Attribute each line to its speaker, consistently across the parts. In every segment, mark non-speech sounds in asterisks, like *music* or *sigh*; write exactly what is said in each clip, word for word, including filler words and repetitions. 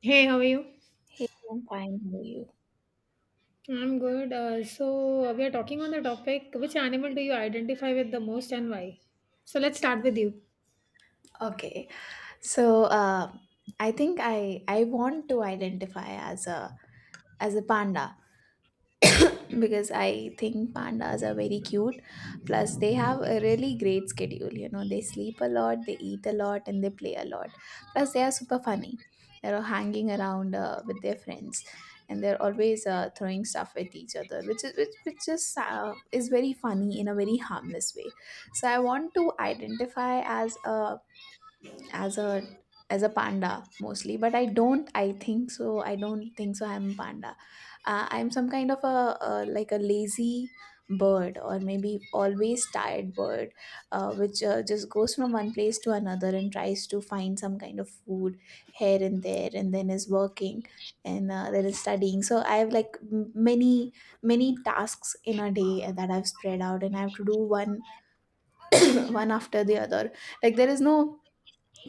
Speaker 1: Hey, how are you?
Speaker 2: Hey, I'm fine. How are you?
Speaker 1: I'm good. Uh, so uh, we are talking on the topic, which animal do you identify with the most and why? So let's start with you.
Speaker 2: Okay. So, uh, I think I I want to identify as a as a panda *coughs* because I think pandas are very cute. Plus, they have a really great schedule. You know, they sleep a lot, they eat a lot, and they play a lot. Plus, they are super funny. They're all hanging around uh, with their friends, and they're always uh, throwing stuff at each other, which is which which is uh, is very funny in a very harmless way. So I want to identify as a as a as a panda mostly, but I don't I think so I don't think so i'm a panda. Uh, i'm some kind of a, a like a lazy bird, or maybe always tired bird, uh, which uh, just goes from one place to another and tries to find some kind of food here and there, and then is working, and uh, then is studying. So I have like m- many many tasks in a day that I've spread out, and I have to do one *coughs* *clears throat* one after the other. Like, there is no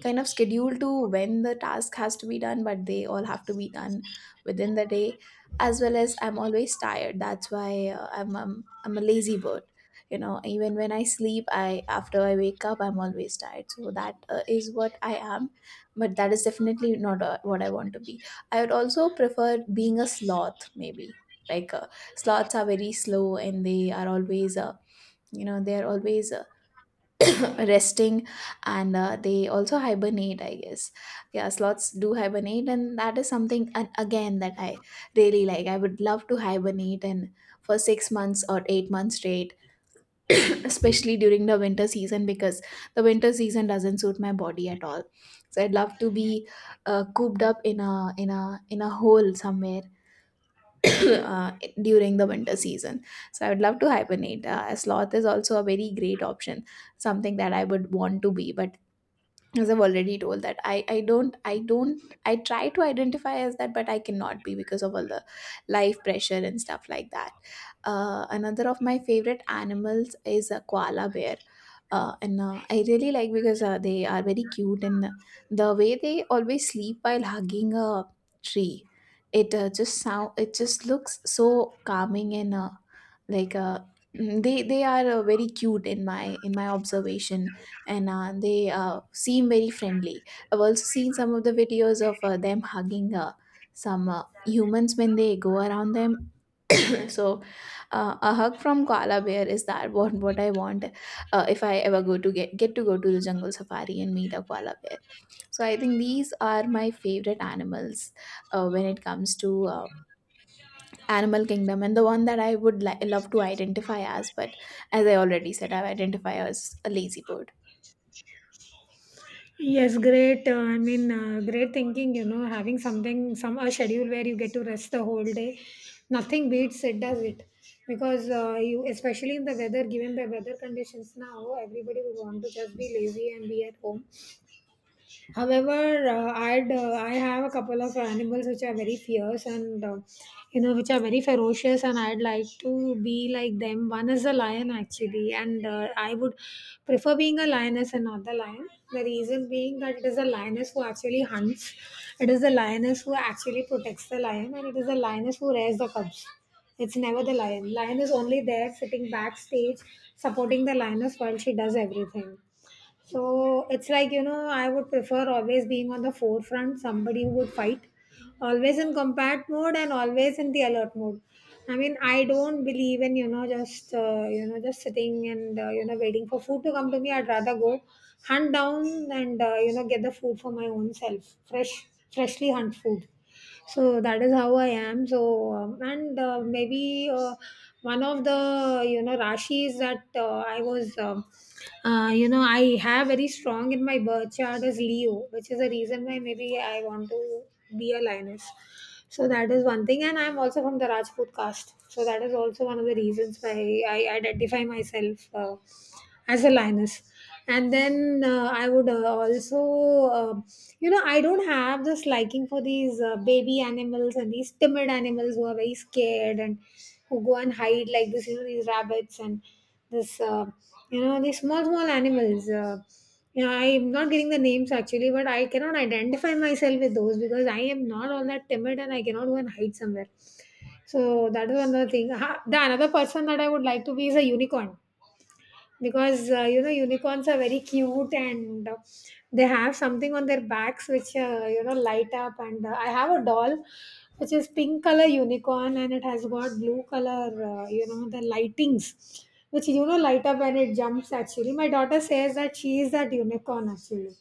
Speaker 2: kind of schedule to when the task has to be done, but they all have to be done within the day. As well as I'm always tired, that's why uh, I'm, I'm i'm a lazy bird. You know, even when I sleep, I, after I wake up, I'm always tired, so that uh, is what I am. But that is definitely not uh, what I want to be. I would also prefer being a sloth maybe. like uh, Sloths are very slow, and they are always uh, you know, they are always uh, *coughs* resting, and uh, they also hibernate, I guess. Yeah, sloths do hibernate, and that is something uh, again that I really like. I would love to hibernate and for six months or eight months straight. *coughs* Especially during the winter season, because the winter season doesn't suit my body at all. So I'd love to be uh, cooped up in a in a in a hole somewhere, *coughs* uh, during the winter season. So I would love to hibernate. Uh, a sloth is also a very great option, something that I would want to be, but as I've already told, that i i don't i don't I try to identify as that, but I cannot be because of all the life pressure and stuff like that. Uh, another of my favorite animals is a koala bear. Uh, and uh, I really like, because uh, they are very cute, and the way they always sleep while hugging a tree, it uh, just sound it just looks so calming, and uh, like uh, *clears throat* they they are uh, very cute in my in my observation, and uh, they uh, seem very friendly. I've also seen some of the videos of uh, them hugging uh, some uh, humans when they go around them. *coughs* *clears throat* So, uh, a hug from koala bear is that what what I want, uh, if I ever go to get get to go to the jungle safari and meet a koala bear. So I think these are my favorite animals uh, when it comes to uh, animal kingdom, and the one that I would li- love to identify as, but as I already said, I identify as a lazy bird.
Speaker 1: Yes, great. Uh, I mean, uh, great thinking. You know, having something, some a schedule where you get to rest the whole day. Nothing beats it, does it? Because uh, you, especially in the weather, given the weather conditions now, everybody would want to just be lazy and be at home. However, uh, I'd uh, I have a couple of animals which are very fierce and uh, you know, which are very ferocious, and I'd like to be like them. One is a lion actually, and uh, I would prefer being a lioness and not the lion. The reason being that it is a lioness who actually hunts, it is the lioness who actually protects the lion, and it is the lioness who rears the cubs. It's never the lion. Lion is only there sitting backstage supporting the lioness while she does everything. So it's like, you know, I would prefer always being on the forefront, somebody who would fight, always in combat mode and always in the alert mode. I mean, I don't believe in, you know, just, uh, you know, just sitting and, uh, you know, waiting for food to come to me. I'd rather go hunt down and, uh, you know, get the food for my own self, fresh, freshly hunt food. So that is how I am. So um, and uh, maybe uh, one of the, you know, rashis that uh, I was, um uh, you know, I have very strong in my birth chart is Leo, which is the reason why maybe I want to be a lioness. So that is one thing, and I'm also from the Rajput caste. So that is also one of the reasons why I identify myself uh, as a lioness. And then uh, I would uh, also, uh, you know, I don't have this liking for these uh, baby animals and these timid animals who are very scared and who go and hide like this, you know, these rabbits and this, uh, you know, these small, small animals. Uh, yeah, I'm not getting the names actually, but I cannot identify myself with those because I am not all that timid and I cannot go and hide somewhere. So that is another thing. Ha- The another person that I would like to be is a unicorn because uh, you know, unicorns are very cute and uh, they have something on their backs which, uh, you know, light up, and uh, I have a doll which is pink color unicorn, and it has got blue color, uh, you know, the lightings which, you know, light up when it jumps. Actually, my daughter says that she is that unicorn actually.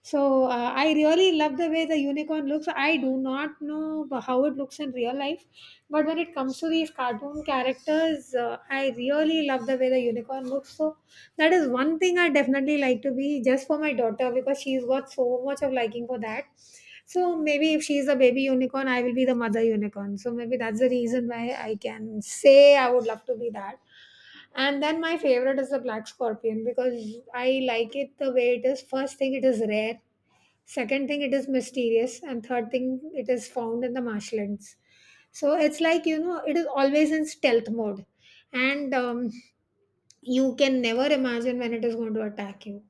Speaker 1: So uh, I really love the way the unicorn looks. I do not know how it looks in real life, but when it comes to these cartoon characters, uh, I really love the way the unicorn looks. So that is one thing I definitely like to be just for my daughter because she's got so much of liking for that. So maybe if she's a baby unicorn, I will be the mother unicorn. So maybe that's the reason why I can say I would love to be that. And then my favorite is the black scorpion because I like it the way it is. First thing, it is rare. Second thing, it is mysterious. And third thing, it is found in the marshlands. So it's like, you know, it is always in stealth mode, and um, you can never imagine when it is going to attack you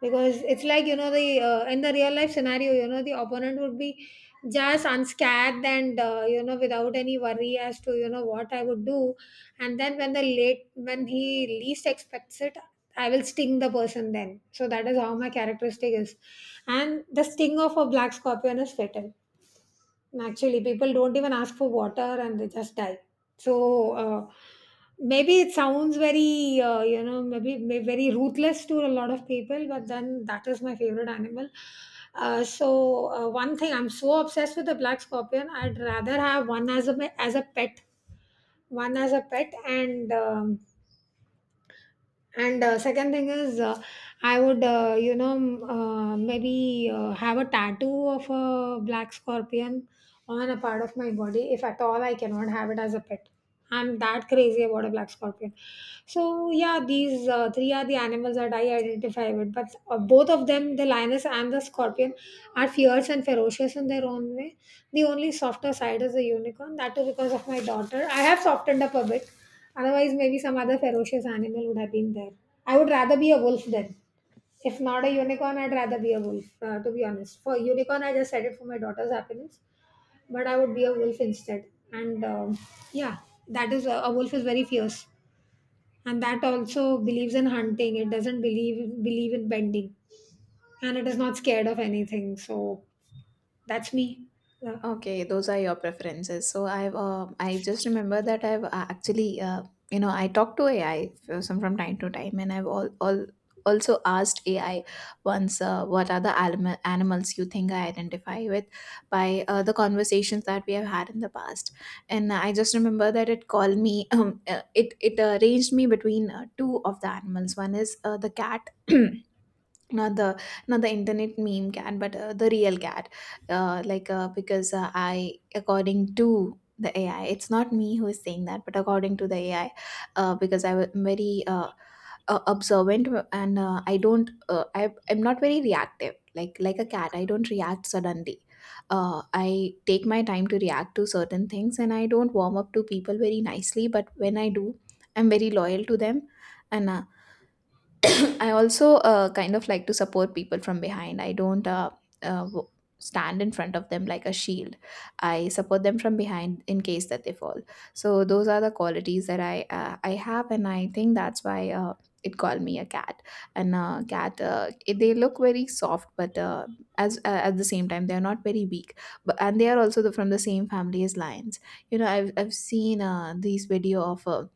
Speaker 1: because it's like, you know, the, uh, in the real life scenario, you know, the opponent would be just unscathed and, uh, you know, without any worry as to, you know, what I would do. And then when the late when he least expects it, I will sting the person then. So that is how my characteristic is, and the sting of a black scorpion is fatal. Actually, people don't even ask for water and they just die. So uh, maybe it sounds very, uh, you know, maybe, maybe very ruthless to a lot of people, but then that is my favorite animal. Uh, so uh, one thing, I'm so obsessed with the black scorpion. I'd rather have one as a as a pet, one as a pet, and um, and uh, second thing is, uh, I would, uh, you know, m- uh, maybe uh, have a tattoo of a black scorpion on a part of my body. If at all, I cannot have it as a pet. I'm that crazy about a black scorpion. So yeah, these uh, three are the animals that I identify with. But uh, both of them, the lioness and the scorpion, are fierce and ferocious in their own way. The only softer side is the unicorn. That is because of my daughter. I have softened up a bit. Otherwise, maybe some other ferocious animal would have been there. I would rather be a wolf then. If not a unicorn, I'd rather be a wolf, uh, to be honest. For unicorn, I just said it for my daughter's happiness, but I would be a wolf instead. And um, yeah, that is uh, A wolf is very fierce, and that also believes in hunting. It doesn't believe believe in bending, and it is not scared of anything. So that's me. Yeah.
Speaker 2: Okay, those are your preferences. So I've um I just remember that I've uh, actually uh, you know, I talk to A I some from time to time, and I've all all also asked A I once, uh, what are the anim- animals you think I identify with by uh, the conversations that we have had in the past. And I just remember that it called me *clears throat* um, uh, it it uh, ranged me between uh, two of the animals. One is uh, the cat. *clears throat* Not the not the internet meme cat, but uh, the real cat. Uh, like uh, because uh, I, according to the AI, it's not me who is saying that, but according to the AI, uh, because I'm very uh, uh, observant, and uh, I don't uh, I, i'm not very reactive, like like a cat. I don't react suddenly. uh, I take my time to react to certain things, and I don't warm up to people very nicely, but when I do, I'm very loyal to them. And uh, I also uh, kind of like to support people from behind. I don't uh, uh, w- stand in front of them like a shield. I support them from behind in case that they fall. So those are the qualities that I uh, I have, and I think that's why uh, it called me a cat. And uh, cat, uh, it- they look very soft, but uh, as uh, at the same time, they are not very weak. But and they are also the, from the same family as lions. You know, I've I've seen uh, these video of. Uh,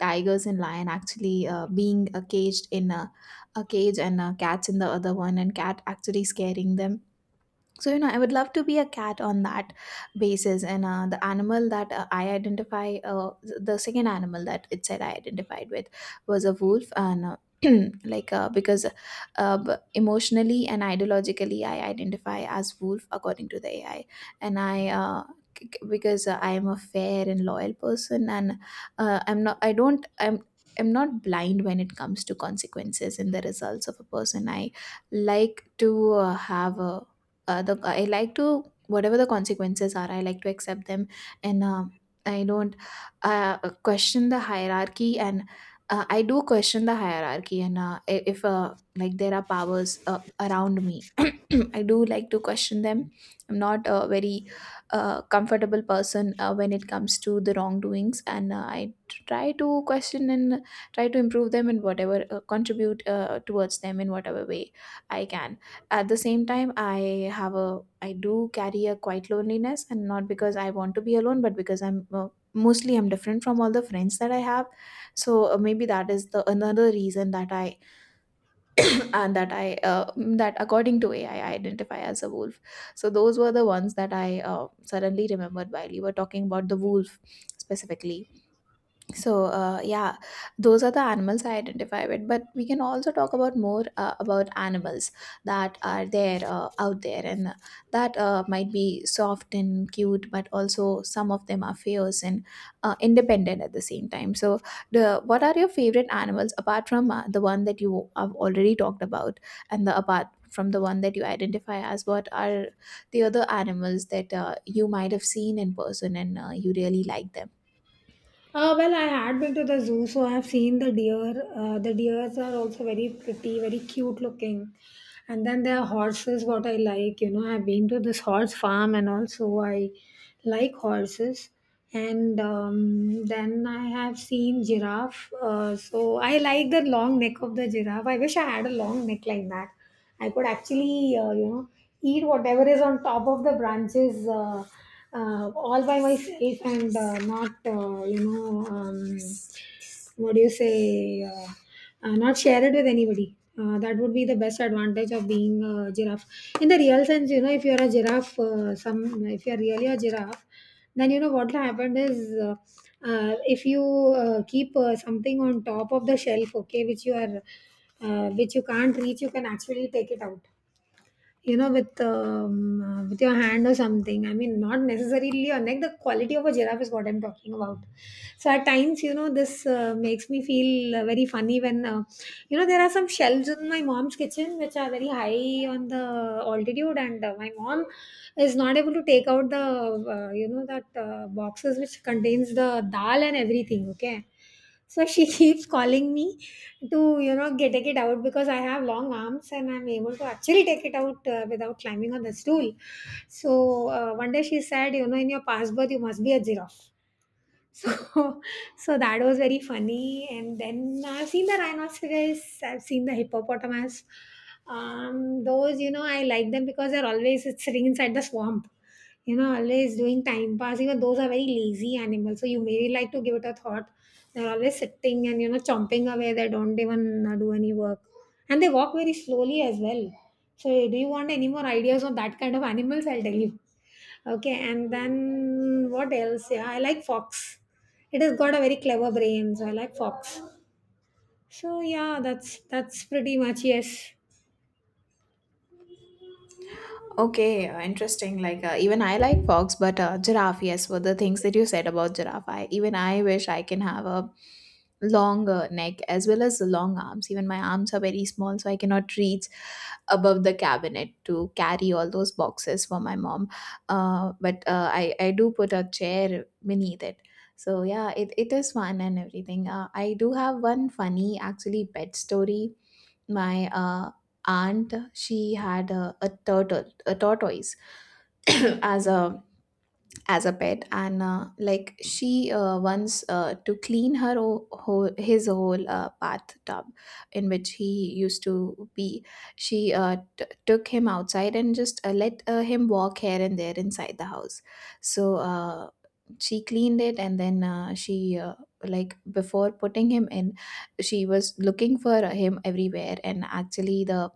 Speaker 2: tigers and lion actually uh, being uh, caged in a a cage, and uh, cats in the other one, and cat actually scaring them. So, you know, I would love to be a cat on that basis. And uh, the animal that uh, I identify, uh, th- the second animal that it said I identified with was a wolf. And uh, *clears throat* like, uh, because uh, b- emotionally and ideologically, I identify as wolf according to the A I. And I, uh, c- c- because uh, I am a fair and loyal person, and uh, I'm not, I don't, I'm, I'm not blind when it comes to consequences and the results of a person. I like to uh, have a uh, the I like to, whatever the consequences are, I like to accept them. And uh, I don't uh, question the hierarchy. And uh, I do question the hierarchy. And uh, i- if uh, like there are powers uh, around me, *clears throat* I do like to question them. I'm not a very uh, comfortable person uh, when it comes to the wrongdoings, and uh, I try to question and try to improve them, and whatever uh, contribute uh, towards them in whatever way I can. At the same time, I have a I do carry a quiet loneliness, and not because I want to be alone, but because I'm uh, mostly I'm different from all the friends that I have. So uh, maybe that is the another reason that I *clears throat* and that I uh, that according to AI, I identify as a wolf. So those were the ones that I uh, suddenly remembered while you were talking about the wolf specifically. So uh, yeah, those are the animals I identify with. But we can also talk about more uh, about animals that are there uh, out there, and uh, that uh, might be soft and cute, but also some of them are fierce and uh, independent at the same time. So the what are your favorite animals apart from uh, the one that you have already talked about, and the apart from the one that you identify as? What are the other animals that uh, you might have seen in person and uh, you really like them?
Speaker 1: Uh, well, I had been to the zoo, so I have seen the deer. Uh, the deers are also very pretty, very cute looking. And then there are horses, what I like. You know, I've been to this horse farm, and also I like horses. And um, Then I have seen giraffe. Uh, so I like the long neck of the giraffe. I wish I had a long neck like that. I could actually, uh, you know, eat whatever is on top of the branches, uh, uh, all by myself and uh, not, uh, you know, um, what do you say, uh, uh, not share it with anybody. Uh, that would be the best advantage of being a giraffe. In the real sense, you know, if you're a giraffe, uh, some if you're really a giraffe, then you know what will happen is, uh, uh, if you uh, keep uh, something on top of the shelf, okay, which you are, uh, which you can't reach, you can actually take it out, you know, with, um, uh, with your hand or something. I mean, not necessarily your neck. The quality of a giraffe is what I'm talking about. So at times, you know, this uh, makes me feel uh, very funny when, uh, you know, there are some shelves in my mom's kitchen which are very high on the altitude, and uh, my mom is not able to take out the, uh, you know, that uh, boxes which contains the dal and everything, okay. So she *laughs* keeps calling me to, you know, get take it out because I have long arms, and I'm able to actually take it out uh, without climbing on the stool. So uh, one day she said, you know, in your passport you must be a giraffe. So, *laughs* so that was very funny. And then I've seen the rhinoceros, I've seen the hippopotamus. Um, those, you know, I like them because they're always sitting inside the swamp, you know, always doing time pass. Even those are very lazy animals, so you may like to give it a thought. They're always sitting and, you know, chomping away. They don't even uh, do any work. And they walk very slowly as well. So, do you want any more ideas on that kind of animals? I'll tell you. Okay, and then what else? Yeah, I like Fox. It has got a very clever brain, so I like Fox. So yeah, that's that's pretty much, yes.
Speaker 2: Okay, uh, interesting. Like uh, even I like fox, but uh, giraffe. Yes, for the things that you said about giraffe, I even I wish I can have a long uh, neck as well as long arms. Even my arms are very small, so I cannot reach above the cabinet to carry all those boxes for my mom. Uh, but uh, I I do put a chair beneath it. So yeah, it, it is fun and everything. Uh, I do have one funny actually pet story. My uh, aunt, she had a, a turtle, a tortoise, *clears throat* as a as a pet. And uh, like she uh, once, uh, to clean her o- whole, his whole uh, bathtub in which he used to be, she uh, t- took him outside and just uh, let uh, him walk here and there inside the house. So uh, she cleaned it, and then uh, she uh, like before putting him in, she was looking for him everywhere, and actually the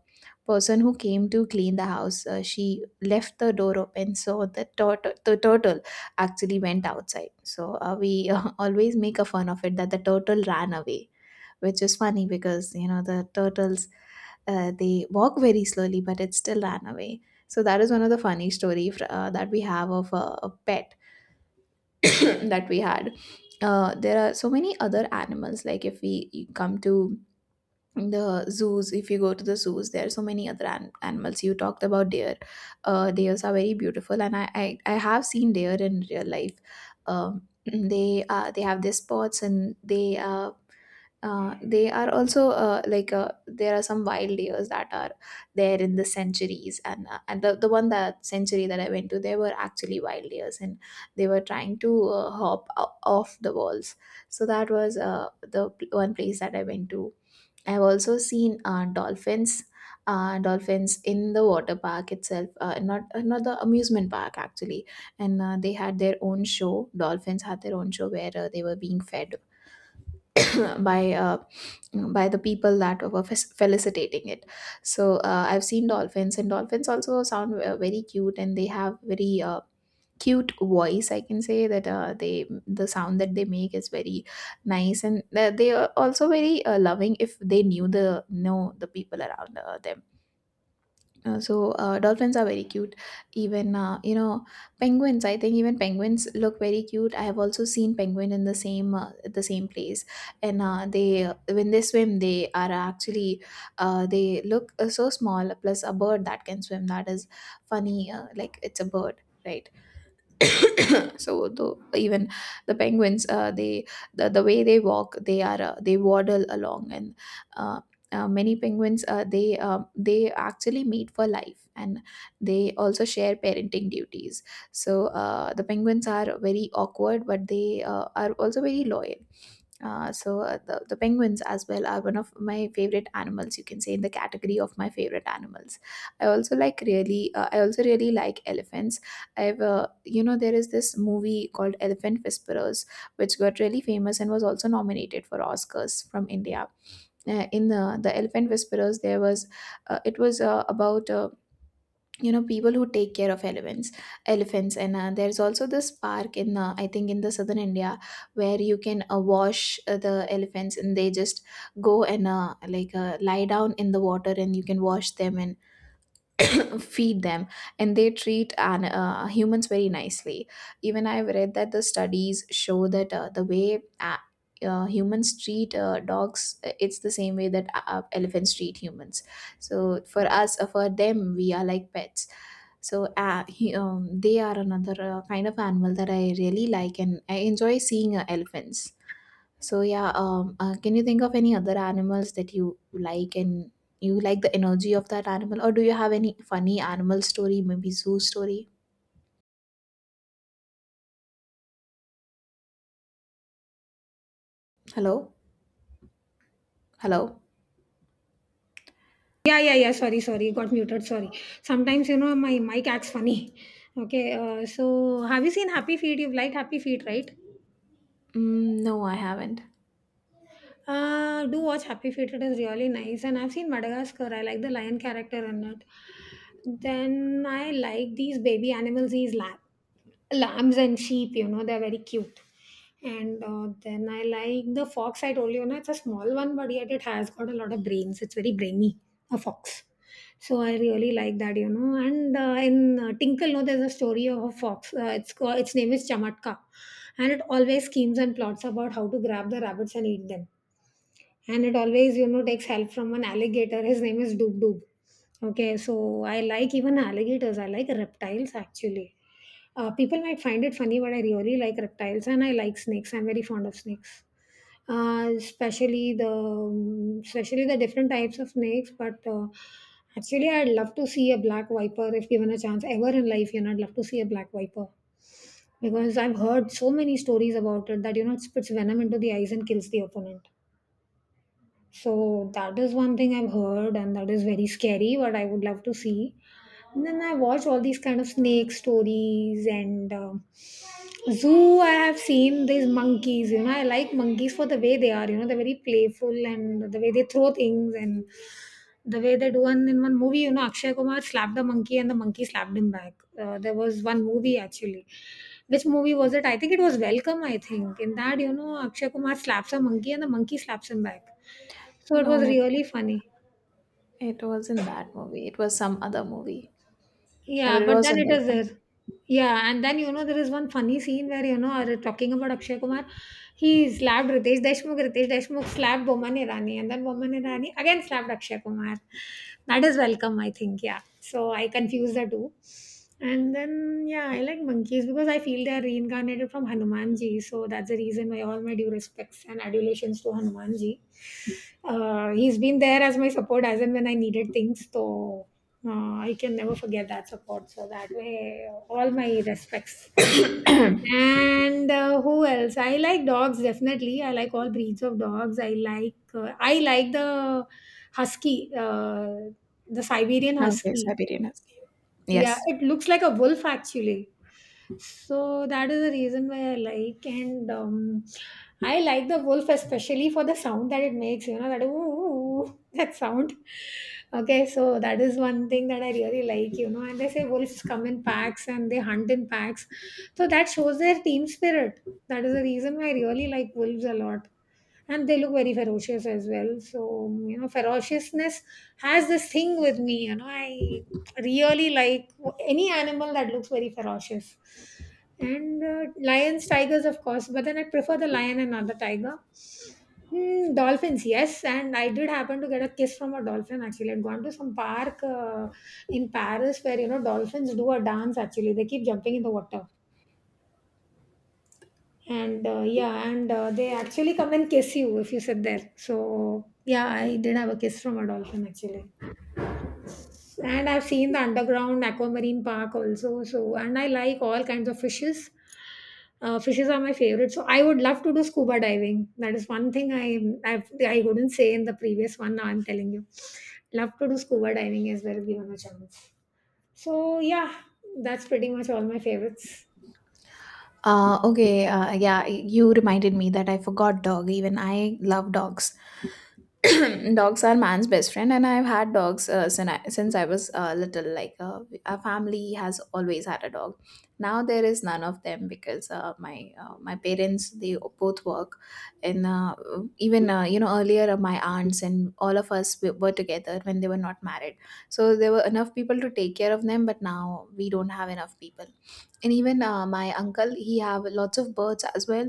Speaker 2: person who came to clean the house, uh, she left the door open, so the turtle the turtle actually went outside. So uh, we uh, *laughs* always make a fun of it that the turtle ran away, which is funny, because you know, the turtles, uh, they walk very slowly, but it still ran away. So that is one of the funny story fr- uh, that we have of a, a pet *coughs* that we had. Uh, there are so many other animals. Like, if we come to the zoos, if you go to the zoos, there are so many other an- animals. You talked about deer. Uh, deers are very beautiful, and I, I i have seen deer in real life. um, *clears throat* they uh, they have their spots, and they, uh, uh, they are also, uh, like uh, there are some wild deers that are there in the centuries. And uh, and the, the one, that century that I went to, there were actually wild deers, and they were trying to uh, hop o- off the walls. So that was uh, the pl- one place that I went to. I've also seen, uh, dolphins, uh, dolphins in the water park itself, uh, not uh, not the amusement park actually, and uh, they had their own show. Dolphins had their own show where uh, they were being fed *coughs* *clears throat* by uh, by the people that were fe- felicitating it. So uh, I've seen dolphins, and dolphins also sound uh, very cute, and they have very uh, cute voice, I can say that. Uh, they the sound that they make is very nice, and uh, they are also very uh, loving if they knew the know the people around uh, them. Uh, so uh, dolphins are very cute. Even uh, you know penguins, I think even penguins look very cute. I have also seen penguin in the same uh, at the same place, and uh, they uh, when they swim, they are actually uh, they look uh, so small. Plus, a bird that can swim, that is funny, uh, like, it's a bird, right? *coughs* so the even the penguins, uh, they the, the way they walk, they are uh, they waddle along. And uh, uh, many penguins, uh, they uh, they actually mate for life, and they also share parenting duties. So uh, the penguins are very awkward, but they, uh, are also very loyal. Uh, so uh, the, the penguins as well are one of my favorite animals, you can say, in the category of my favorite animals. I also like really uh, i also really like elephants. I've uh, you know There is this movie called Elephant Whisperers, which got really famous and was also nominated for Oscars from India. Uh, in the the Elephant Whisperers, there was, uh, it was uh, about, uh, you know people who take care of elephants, elephants and uh, there's also this park in, uh, I think, in the southern India, where you can uh, wash uh, the elephants, and they just go and, uh, like uh, lie down in the water, and you can wash them and *coughs* *clears throat* feed them. And they treat an, uh, humans very nicely. Even I've read that the studies show that uh, the way, uh, uh, humans treat uh, dogs, uh, it's the same way that uh, elephants treat humans. So for us uh, for them we are like pets. So, uh, he, um, they are another uh, kind of animal that I really like, and I enjoy seeing uh, elephants. So, yeah, um, uh, can you think of any other animals that you like, and you like the energy of that animal, or do you have any funny animal story, maybe zoo story? Hello? Hello?
Speaker 1: Yeah, yeah, yeah. Sorry, sorry, got muted. Sorry. Sometimes you know my mic acts funny. *laughs* Okay. Uh, so have you seen Happy Feet? You've liked Happy Feet, right?
Speaker 2: Mm, no, I haven't.
Speaker 1: Uh, do watch Happy Feet. It is really nice, and I've seen Madagascar. I like the lion character in it. Then I like these baby animals, these lamb, lambs and sheep. You know, they're very cute. And uh, Then I like the fox. I told you, na, it's a small one, but yet it has got a lot of brains. It's very brainy, a fox. So I really like that, you know. And uh, in uh, Tinkle, no, there's a story of a fox. Uh, it's called, its name is Chamatka, and it always schemes and plots about how to grab the rabbits and eat them, and it always you know takes help from an alligator. His name is Doob Doob. Okay, so I like even alligators. I like reptiles actually. Uh, people might find it funny, but I really like reptiles and I like snakes. I'm very fond of snakes. Uh, especially the um, especially the different types of snakes, but uh, actually I'd love to see a black viper if given a chance ever in life. You know, I'd love to see a black viper because I've heard so many stories about it, that you know, it spits venom into the eyes and kills the opponent. So that is one thing I've heard, and that is very scary, but I would love to see. And then I watch all these kind of snake stories, and um zoo. I have seen these monkeys. You know, I like monkeys for the way they are. You know, they're very playful, and the way they throw things and the way they do. And in one movie, you know, Akshay Kumar slapped the monkey and the monkey slapped him back. Uh, there was one movie actually. Which movie was it? I think it was Welcome. I think in that, you know, Akshay Kumar slaps a monkey and the monkey slaps him back, so it was
Speaker 2: No, it
Speaker 1: really
Speaker 2: was
Speaker 1: funny.
Speaker 2: it wasn't that movie. It was some other movie. Uh,
Speaker 1: Yeah,
Speaker 2: but it
Speaker 1: but then
Speaker 2: wasn't
Speaker 1: it is
Speaker 2: Welcome.
Speaker 1: there. Yeah, and then you know, there is one funny scene where, you know, are talking about Akshay Kumar, he slapped Ritesh Deshmukh. Ritesh Deshmukh slapped Boman Irani, and then Boman Irani again slapped Akshay Kumar. That is Welcome, I think. Yeah, so I confuse the two. And then yeah, I like monkeys because I feel they are reincarnated from Hanumanji. So that's the reason why all my due respects and adulations to Hanumanji. Uh, he's been there as my support as and when I needed things. So Uh, I can never forget that support. So that way, uh, all my respects. And uh, who else? I like dogs definitely. I like all breeds of dogs. I like uh, I like the husky, uh, the Siberian
Speaker 2: Okay,
Speaker 1: husky.
Speaker 2: Siberian Husky.
Speaker 1: Yeah,
Speaker 2: Yes.
Speaker 1: it looks like a wolf actually. So that is the reason why I like, and um, I like the wolf, especially for the sound that it makes. You know that ooh *laughs* that sound. Okay, so that is one thing that I really like. You know, and they say wolves come in packs and they hunt in packs, so that shows their team spirit. That is the reason why I really like wolves a lot, and they look very ferocious as well. So um, you know, ferociousness has this thing with me. You know, I really like any animal that looks very ferocious. And uh, lions, tigers of course, but then I prefer the lion and not the tiger. Hmm, dolphins, yes, and I did happen to get a kiss from a dolphin. Actually, I'd gone to some park uh, in Paris where, you know, dolphins do a dance. Actually, they keep jumping in the water. And uh, yeah, and uh, they actually come and kiss you if you sit there. So yeah, I did have a kiss from a dolphin actually. And I've seen the underground aquamarine park also. So, and I like all kinds of fishes. Uh, fishes are my favorite. So I would love to do scuba diving. That is one thing I I've, I have I would not say in the previous one. Now I'm telling you, love to do scuba diving as well given a chance. So yeah, that's pretty much all my favorites.
Speaker 2: Uh, okay, uh, yeah, you reminded me that I forgot dog. Even I love dogs. *clears throat* Dogs are man's best friend, and I've had dogs uh, since I, since I was uh, little. Like uh, our family has always had a dog. Now there is none of them, because uh, my uh, my parents, they both work, and uh, even, uh, you know earlier, uh, my aunts and all of us, we were together when they were not married. So there were enough people to take care of them, but now we don't have enough people. And even uh, my uncle, he have lots of birds as well.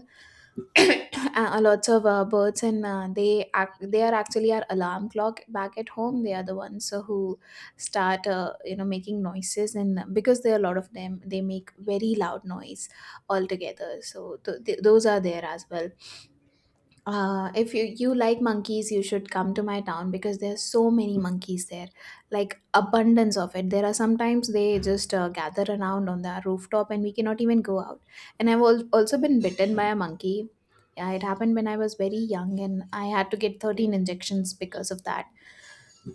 Speaker 2: *coughs* *clears throat* uh, Lots of uh, birds, and uh, they act, they are actually our alarm clock back at home. They are the ones uh, who start, uh, you know making noises, and because there are a lot of them they make very loud noise altogether, so th- th- those are there as well. Uh, if you, you like monkeys, you should come to my town, because there's so many monkeys there, like abundance of it. There are Sometimes they just uh, gather around on the rooftop and we cannot even go out. And I've al- also been bitten by a monkey. Yeah, it happened when I was very young, and I had to get thirteen injections because of that.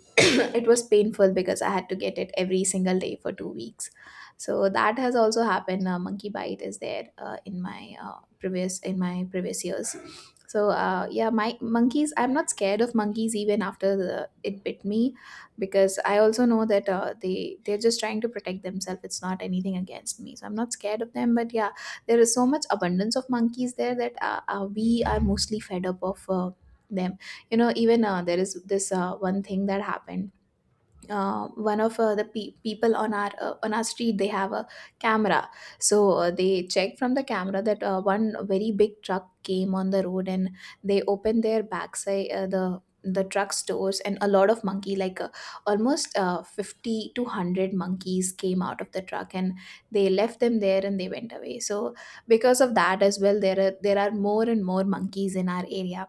Speaker 2: *coughs* *clears throat* It was painful, because I had to get it every single day for two weeks. So that has also happened. Uh, monkey bite is there uh, in my, uh, previous in my previous years. So uh, yeah, my monkeys. I'm not scared of monkeys even after the, it bit me, because I also know that uh, they they're just trying to protect themselves. It's not anything against me, so I'm not scared of them. But yeah, there is so much abundance of monkeys there that uh, uh, we are mostly fed up of uh, them. You know, even uh, there is this uh, one thing that happened, uh, one of uh, the pe- people on our uh, on our street, they have a camera. So uh, they checked from the camera that uh, one very big truck came on the road, and they opened their backside, uh, the the truck's doors, and a lot of monkey, like uh, almost uh, fifty to one hundred monkeys came out of the truck, and they left them there and they went away. So because of that as well, there are there are more and more monkeys in our area.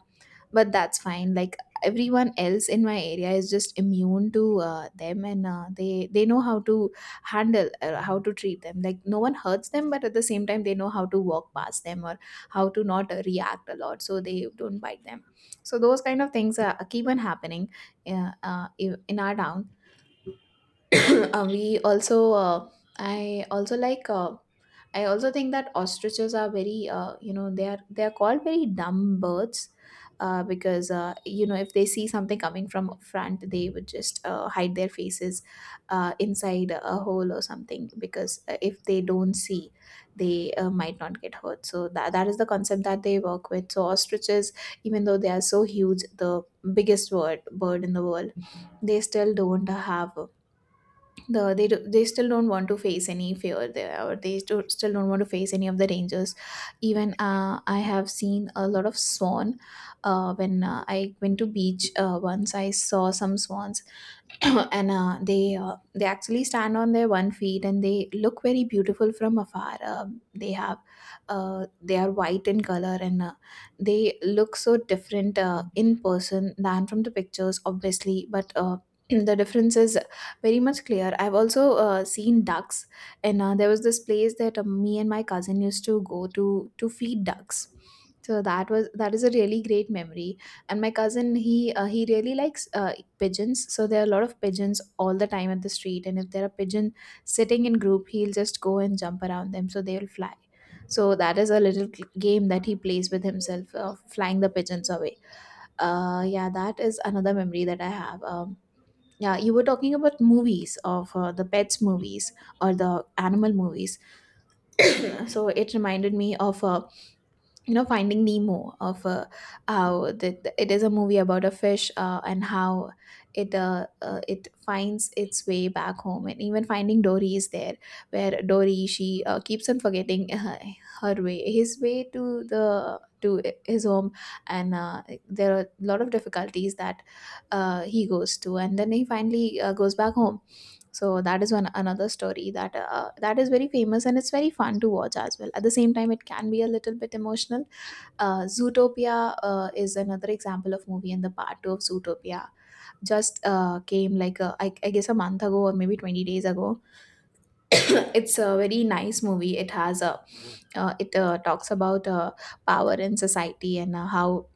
Speaker 2: But that's fine, like, everyone else in my area is just immune to uh, them, and uh, they they know how to handle uh, how to treat them, like no one hurts them, but at the same time they know how to walk past them, or how to not uh, react a lot, so they don't bite them. So those kind of things are keep on happening, uh, uh, in in our town. *clears throat* uh, we also uh, I also like uh, I also think that ostriches are very, uh, you know they are they are called very dumb birds, uh, because, uh, you know if they see something coming from up front, they would just uh, hide their faces uh, inside a hole or something, because uh, if they don't see, they uh, might not get hurt. So that, that is the concept that they work with. So ostriches, even though they are so huge, the biggest bird bird in the world, they still don't have, the they do, they still don't want to face any fear there, or they still still don't want to face any of the dangers. Even uh, I have seen a lot of swan. Uh, when uh, I went to beach uh, once, I saw some swans. *coughs* *clears throat* and uh, they uh, they actually stand on their one feet, and they look very beautiful from afar. Um they have, uh, they are white in color, and uh, they look so different uh, in person than from the pictures, obviously, but uh, *clears throat* the difference is very much clear. I've also uh, seen ducks, and uh, there was this place that uh, me and my cousin used to go to to feed ducks. So that was that is a really great memory. And my cousin, he uh, he really likes uh, pigeons. So there are a lot of pigeons all the time at the street, and if there are pigeons sitting in group, he'll just go and jump around them, so they will fly. So that is a little cl- game that he plays with himself, uh, flying the pigeons away. Uh, yeah, that is another memory that I have. Um, yeah, you were talking about movies of, uh, the pets movies, or the animal movies. *coughs* *clears throat* So it reminded me of uh, you know Finding Nemo of uh, how the, the- It is a movie about a fish, uh, and how it uh, uh, it finds its way back home. And even Finding Dory is there, where Dory she uh, keeps on forgetting. *laughs* Uh, her way, his way, to the to his home, and uh, there are a lot of difficulties that uh, he goes to, and then he finally uh, goes back home. So that is one another story that uh, that is very famous, and it's very fun to watch. As well, at the same time, it can be a little bit emotional. uh, Zootopia uh, is another example of movie, and the part two of Zootopia just uh, came like a, I, I guess a month ago, or maybe twenty days ago. *coughs* It's a very nice movie. It has a uh, it uh, talks about uh, power in society, and uh, how, *clears throat*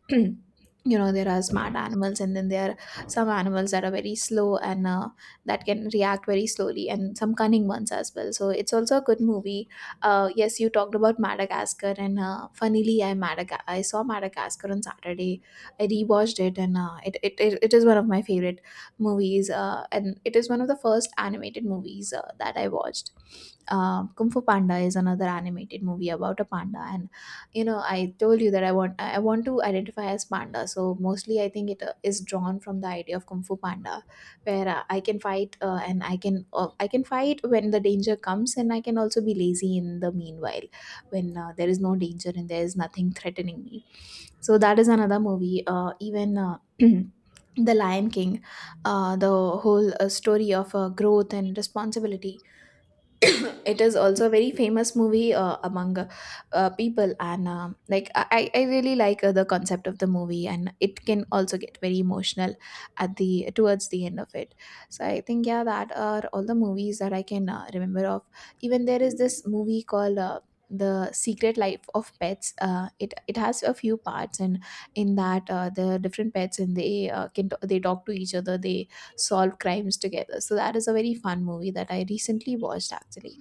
Speaker 2: you know, there are smart animals, and then there are some animals that are very slow, and uh, that can react very slowly, and some cunning ones as well. So it's also a good movie. Uh, yes, you talked about Madagascar, and uh, funnily, i Madaga- I saw Madagascar on Saturday. I rewatched it, and uh, it, it, it, it is one of my favorite movies. Uh, and it is one of the first animated movies uh, that I watched. Uh, Kung Fu Panda is another animated movie about a panda, and, you know, I told you that I want I want to identify as panda. So mostly I think it uh, is drawn from the idea of Kung Fu Panda, where uh, I can fight, uh, and I can uh, I can fight when the danger comes, and I can also be lazy in the meanwhile when uh, there is no danger and there is nothing threatening me. So that is another movie. Uh, even uh, *clears throat* the Lion King, uh, the whole uh, story of uh, growth and responsibility. *coughs* *clears throat* It is also a very famous movie uh, among uh, uh, people, and, um, like I, I I really like uh, the concept of the movie, and it can also get very emotional at the towards the end of it. So I think, yeah, that are all the movies that I can uh, remember of. Even there is this movie called. Uh, the Secret Life of Pets. Uh, it it has a few parts, and in that uh, the different pets, and they uh, can t- they talk to each other, they solve crimes together. So that is a very fun movie that I recently watched actually.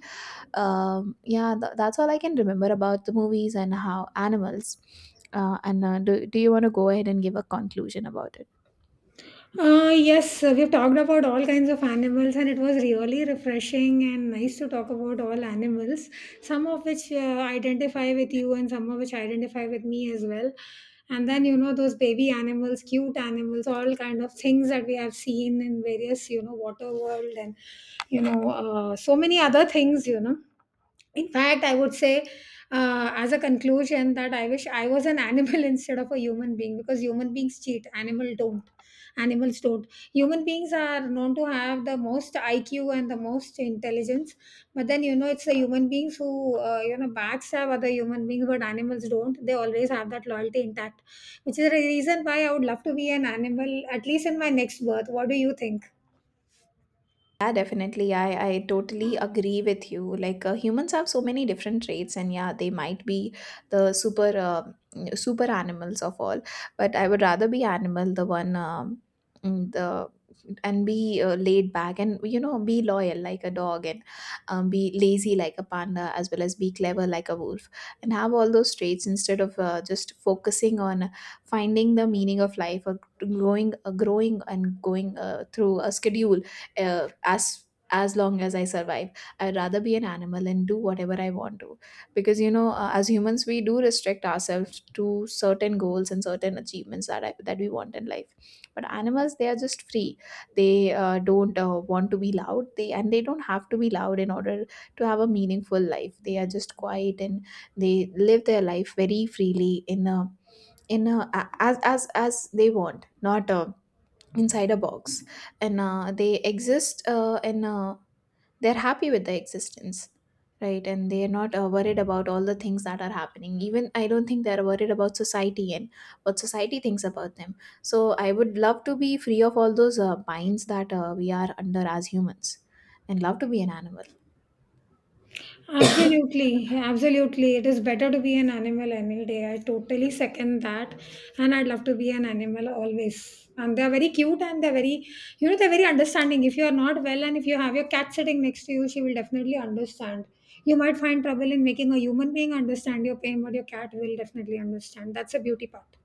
Speaker 2: Um, yeah, th- that's all I can remember about the movies and how animals. Uh, and uh, do, do you want to go ahead and give a conclusion about it?
Speaker 1: Uh, yes, uh, we've talked about all kinds of animals, and it was really refreshing and nice to talk about all animals, some of which uh, identify with you and some of which identify with me as well. And then, you know, those baby animals, cute animals, all kind of things that we have seen in various, you know, water world and, you know, uh, so many other things, you know. In fact, I would say, uh, as a conclusion, that I wish I was an animal *laughs* instead of a human being, because human beings cheat, animal don't. Animals don't. Human beings are known to have the most I Q and the most intelligence, but then you know, it's the human beings who uh, you know, backstab other human beings, but animals don't. They always have that loyalty intact, which is the reason why I would love to be an animal at least in my next birth. What do you think?
Speaker 2: Yeah, definitely. I, I totally agree with you. Like, uh, humans have so many different traits, and yeah, they might be the super uh, mm, super animals of all. But I would rather be animal, the one um, mm, the and be uh, laid back, and, you know, be loyal like a dog, and, um, be lazy like a panda, as well as be clever like a wolf, and have all those traits instead of uh, just focusing on finding the meaning of life, or growing uh, growing and going uh, through a schedule, uh, as as long as I survive. I'd rather be an animal and do whatever I want to, because, you know, uh, as humans we do restrict ourselves to certain goals and certain achievements that I, that we want in life. But animals, they are just free. They uh, don't uh, want to be loud, they and they don't have to be loud in order to have a meaningful life. They are just quiet, and they live their life very freely, in a in a, a- as as as they want, not uh, inside a box. And uh, they exist uh, and uh, they're happy with their existence, right? And they're not uh, worried about all the things that are happening. Even I don't think they're worried about society and what society thinks about them. So I would love to be free of all those uh, binds that uh, we are under as humans, and love to be an animal.
Speaker 1: Absolutely, absolutely. It is better to be an animal any day. I totally second that. And I'd love to be an animal always. And they're very cute and they're very, you know, they're very understanding. If you're not well and if you have your cat sitting next to you, she will definitely understand. You might find trouble in making a human being understand your pain, but your cat will definitely understand. That's the beauty part.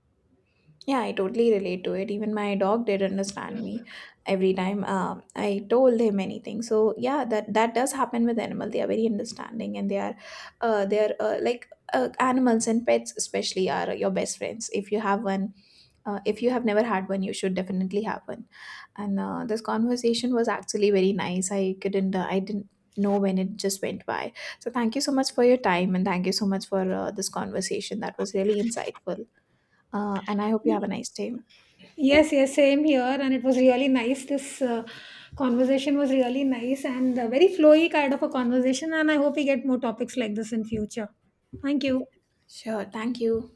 Speaker 2: Yeah, I totally relate to it. Even my dog did understand me every time uh, I told him anything. So yeah, that that does happen with animal. They are very understanding, and they are, uh, they are uh, like uh, animals and pets especially are your best friends. If you have one, uh, if you have never had one, you should definitely have one. And uh, this conversation was actually very nice. I couldn't, uh, I didn't know when it just went by. So thank you so much for your time, and thank you so much for uh, this conversation. That was really insightful. Uh, and I hope you have a nice day.
Speaker 1: Yes, yes, same here. And it was really nice. This uh, conversation was really nice and uh, very flowy kind of a conversation. And I hope we get more topics like this in future. Thank you.
Speaker 2: Sure, thank you.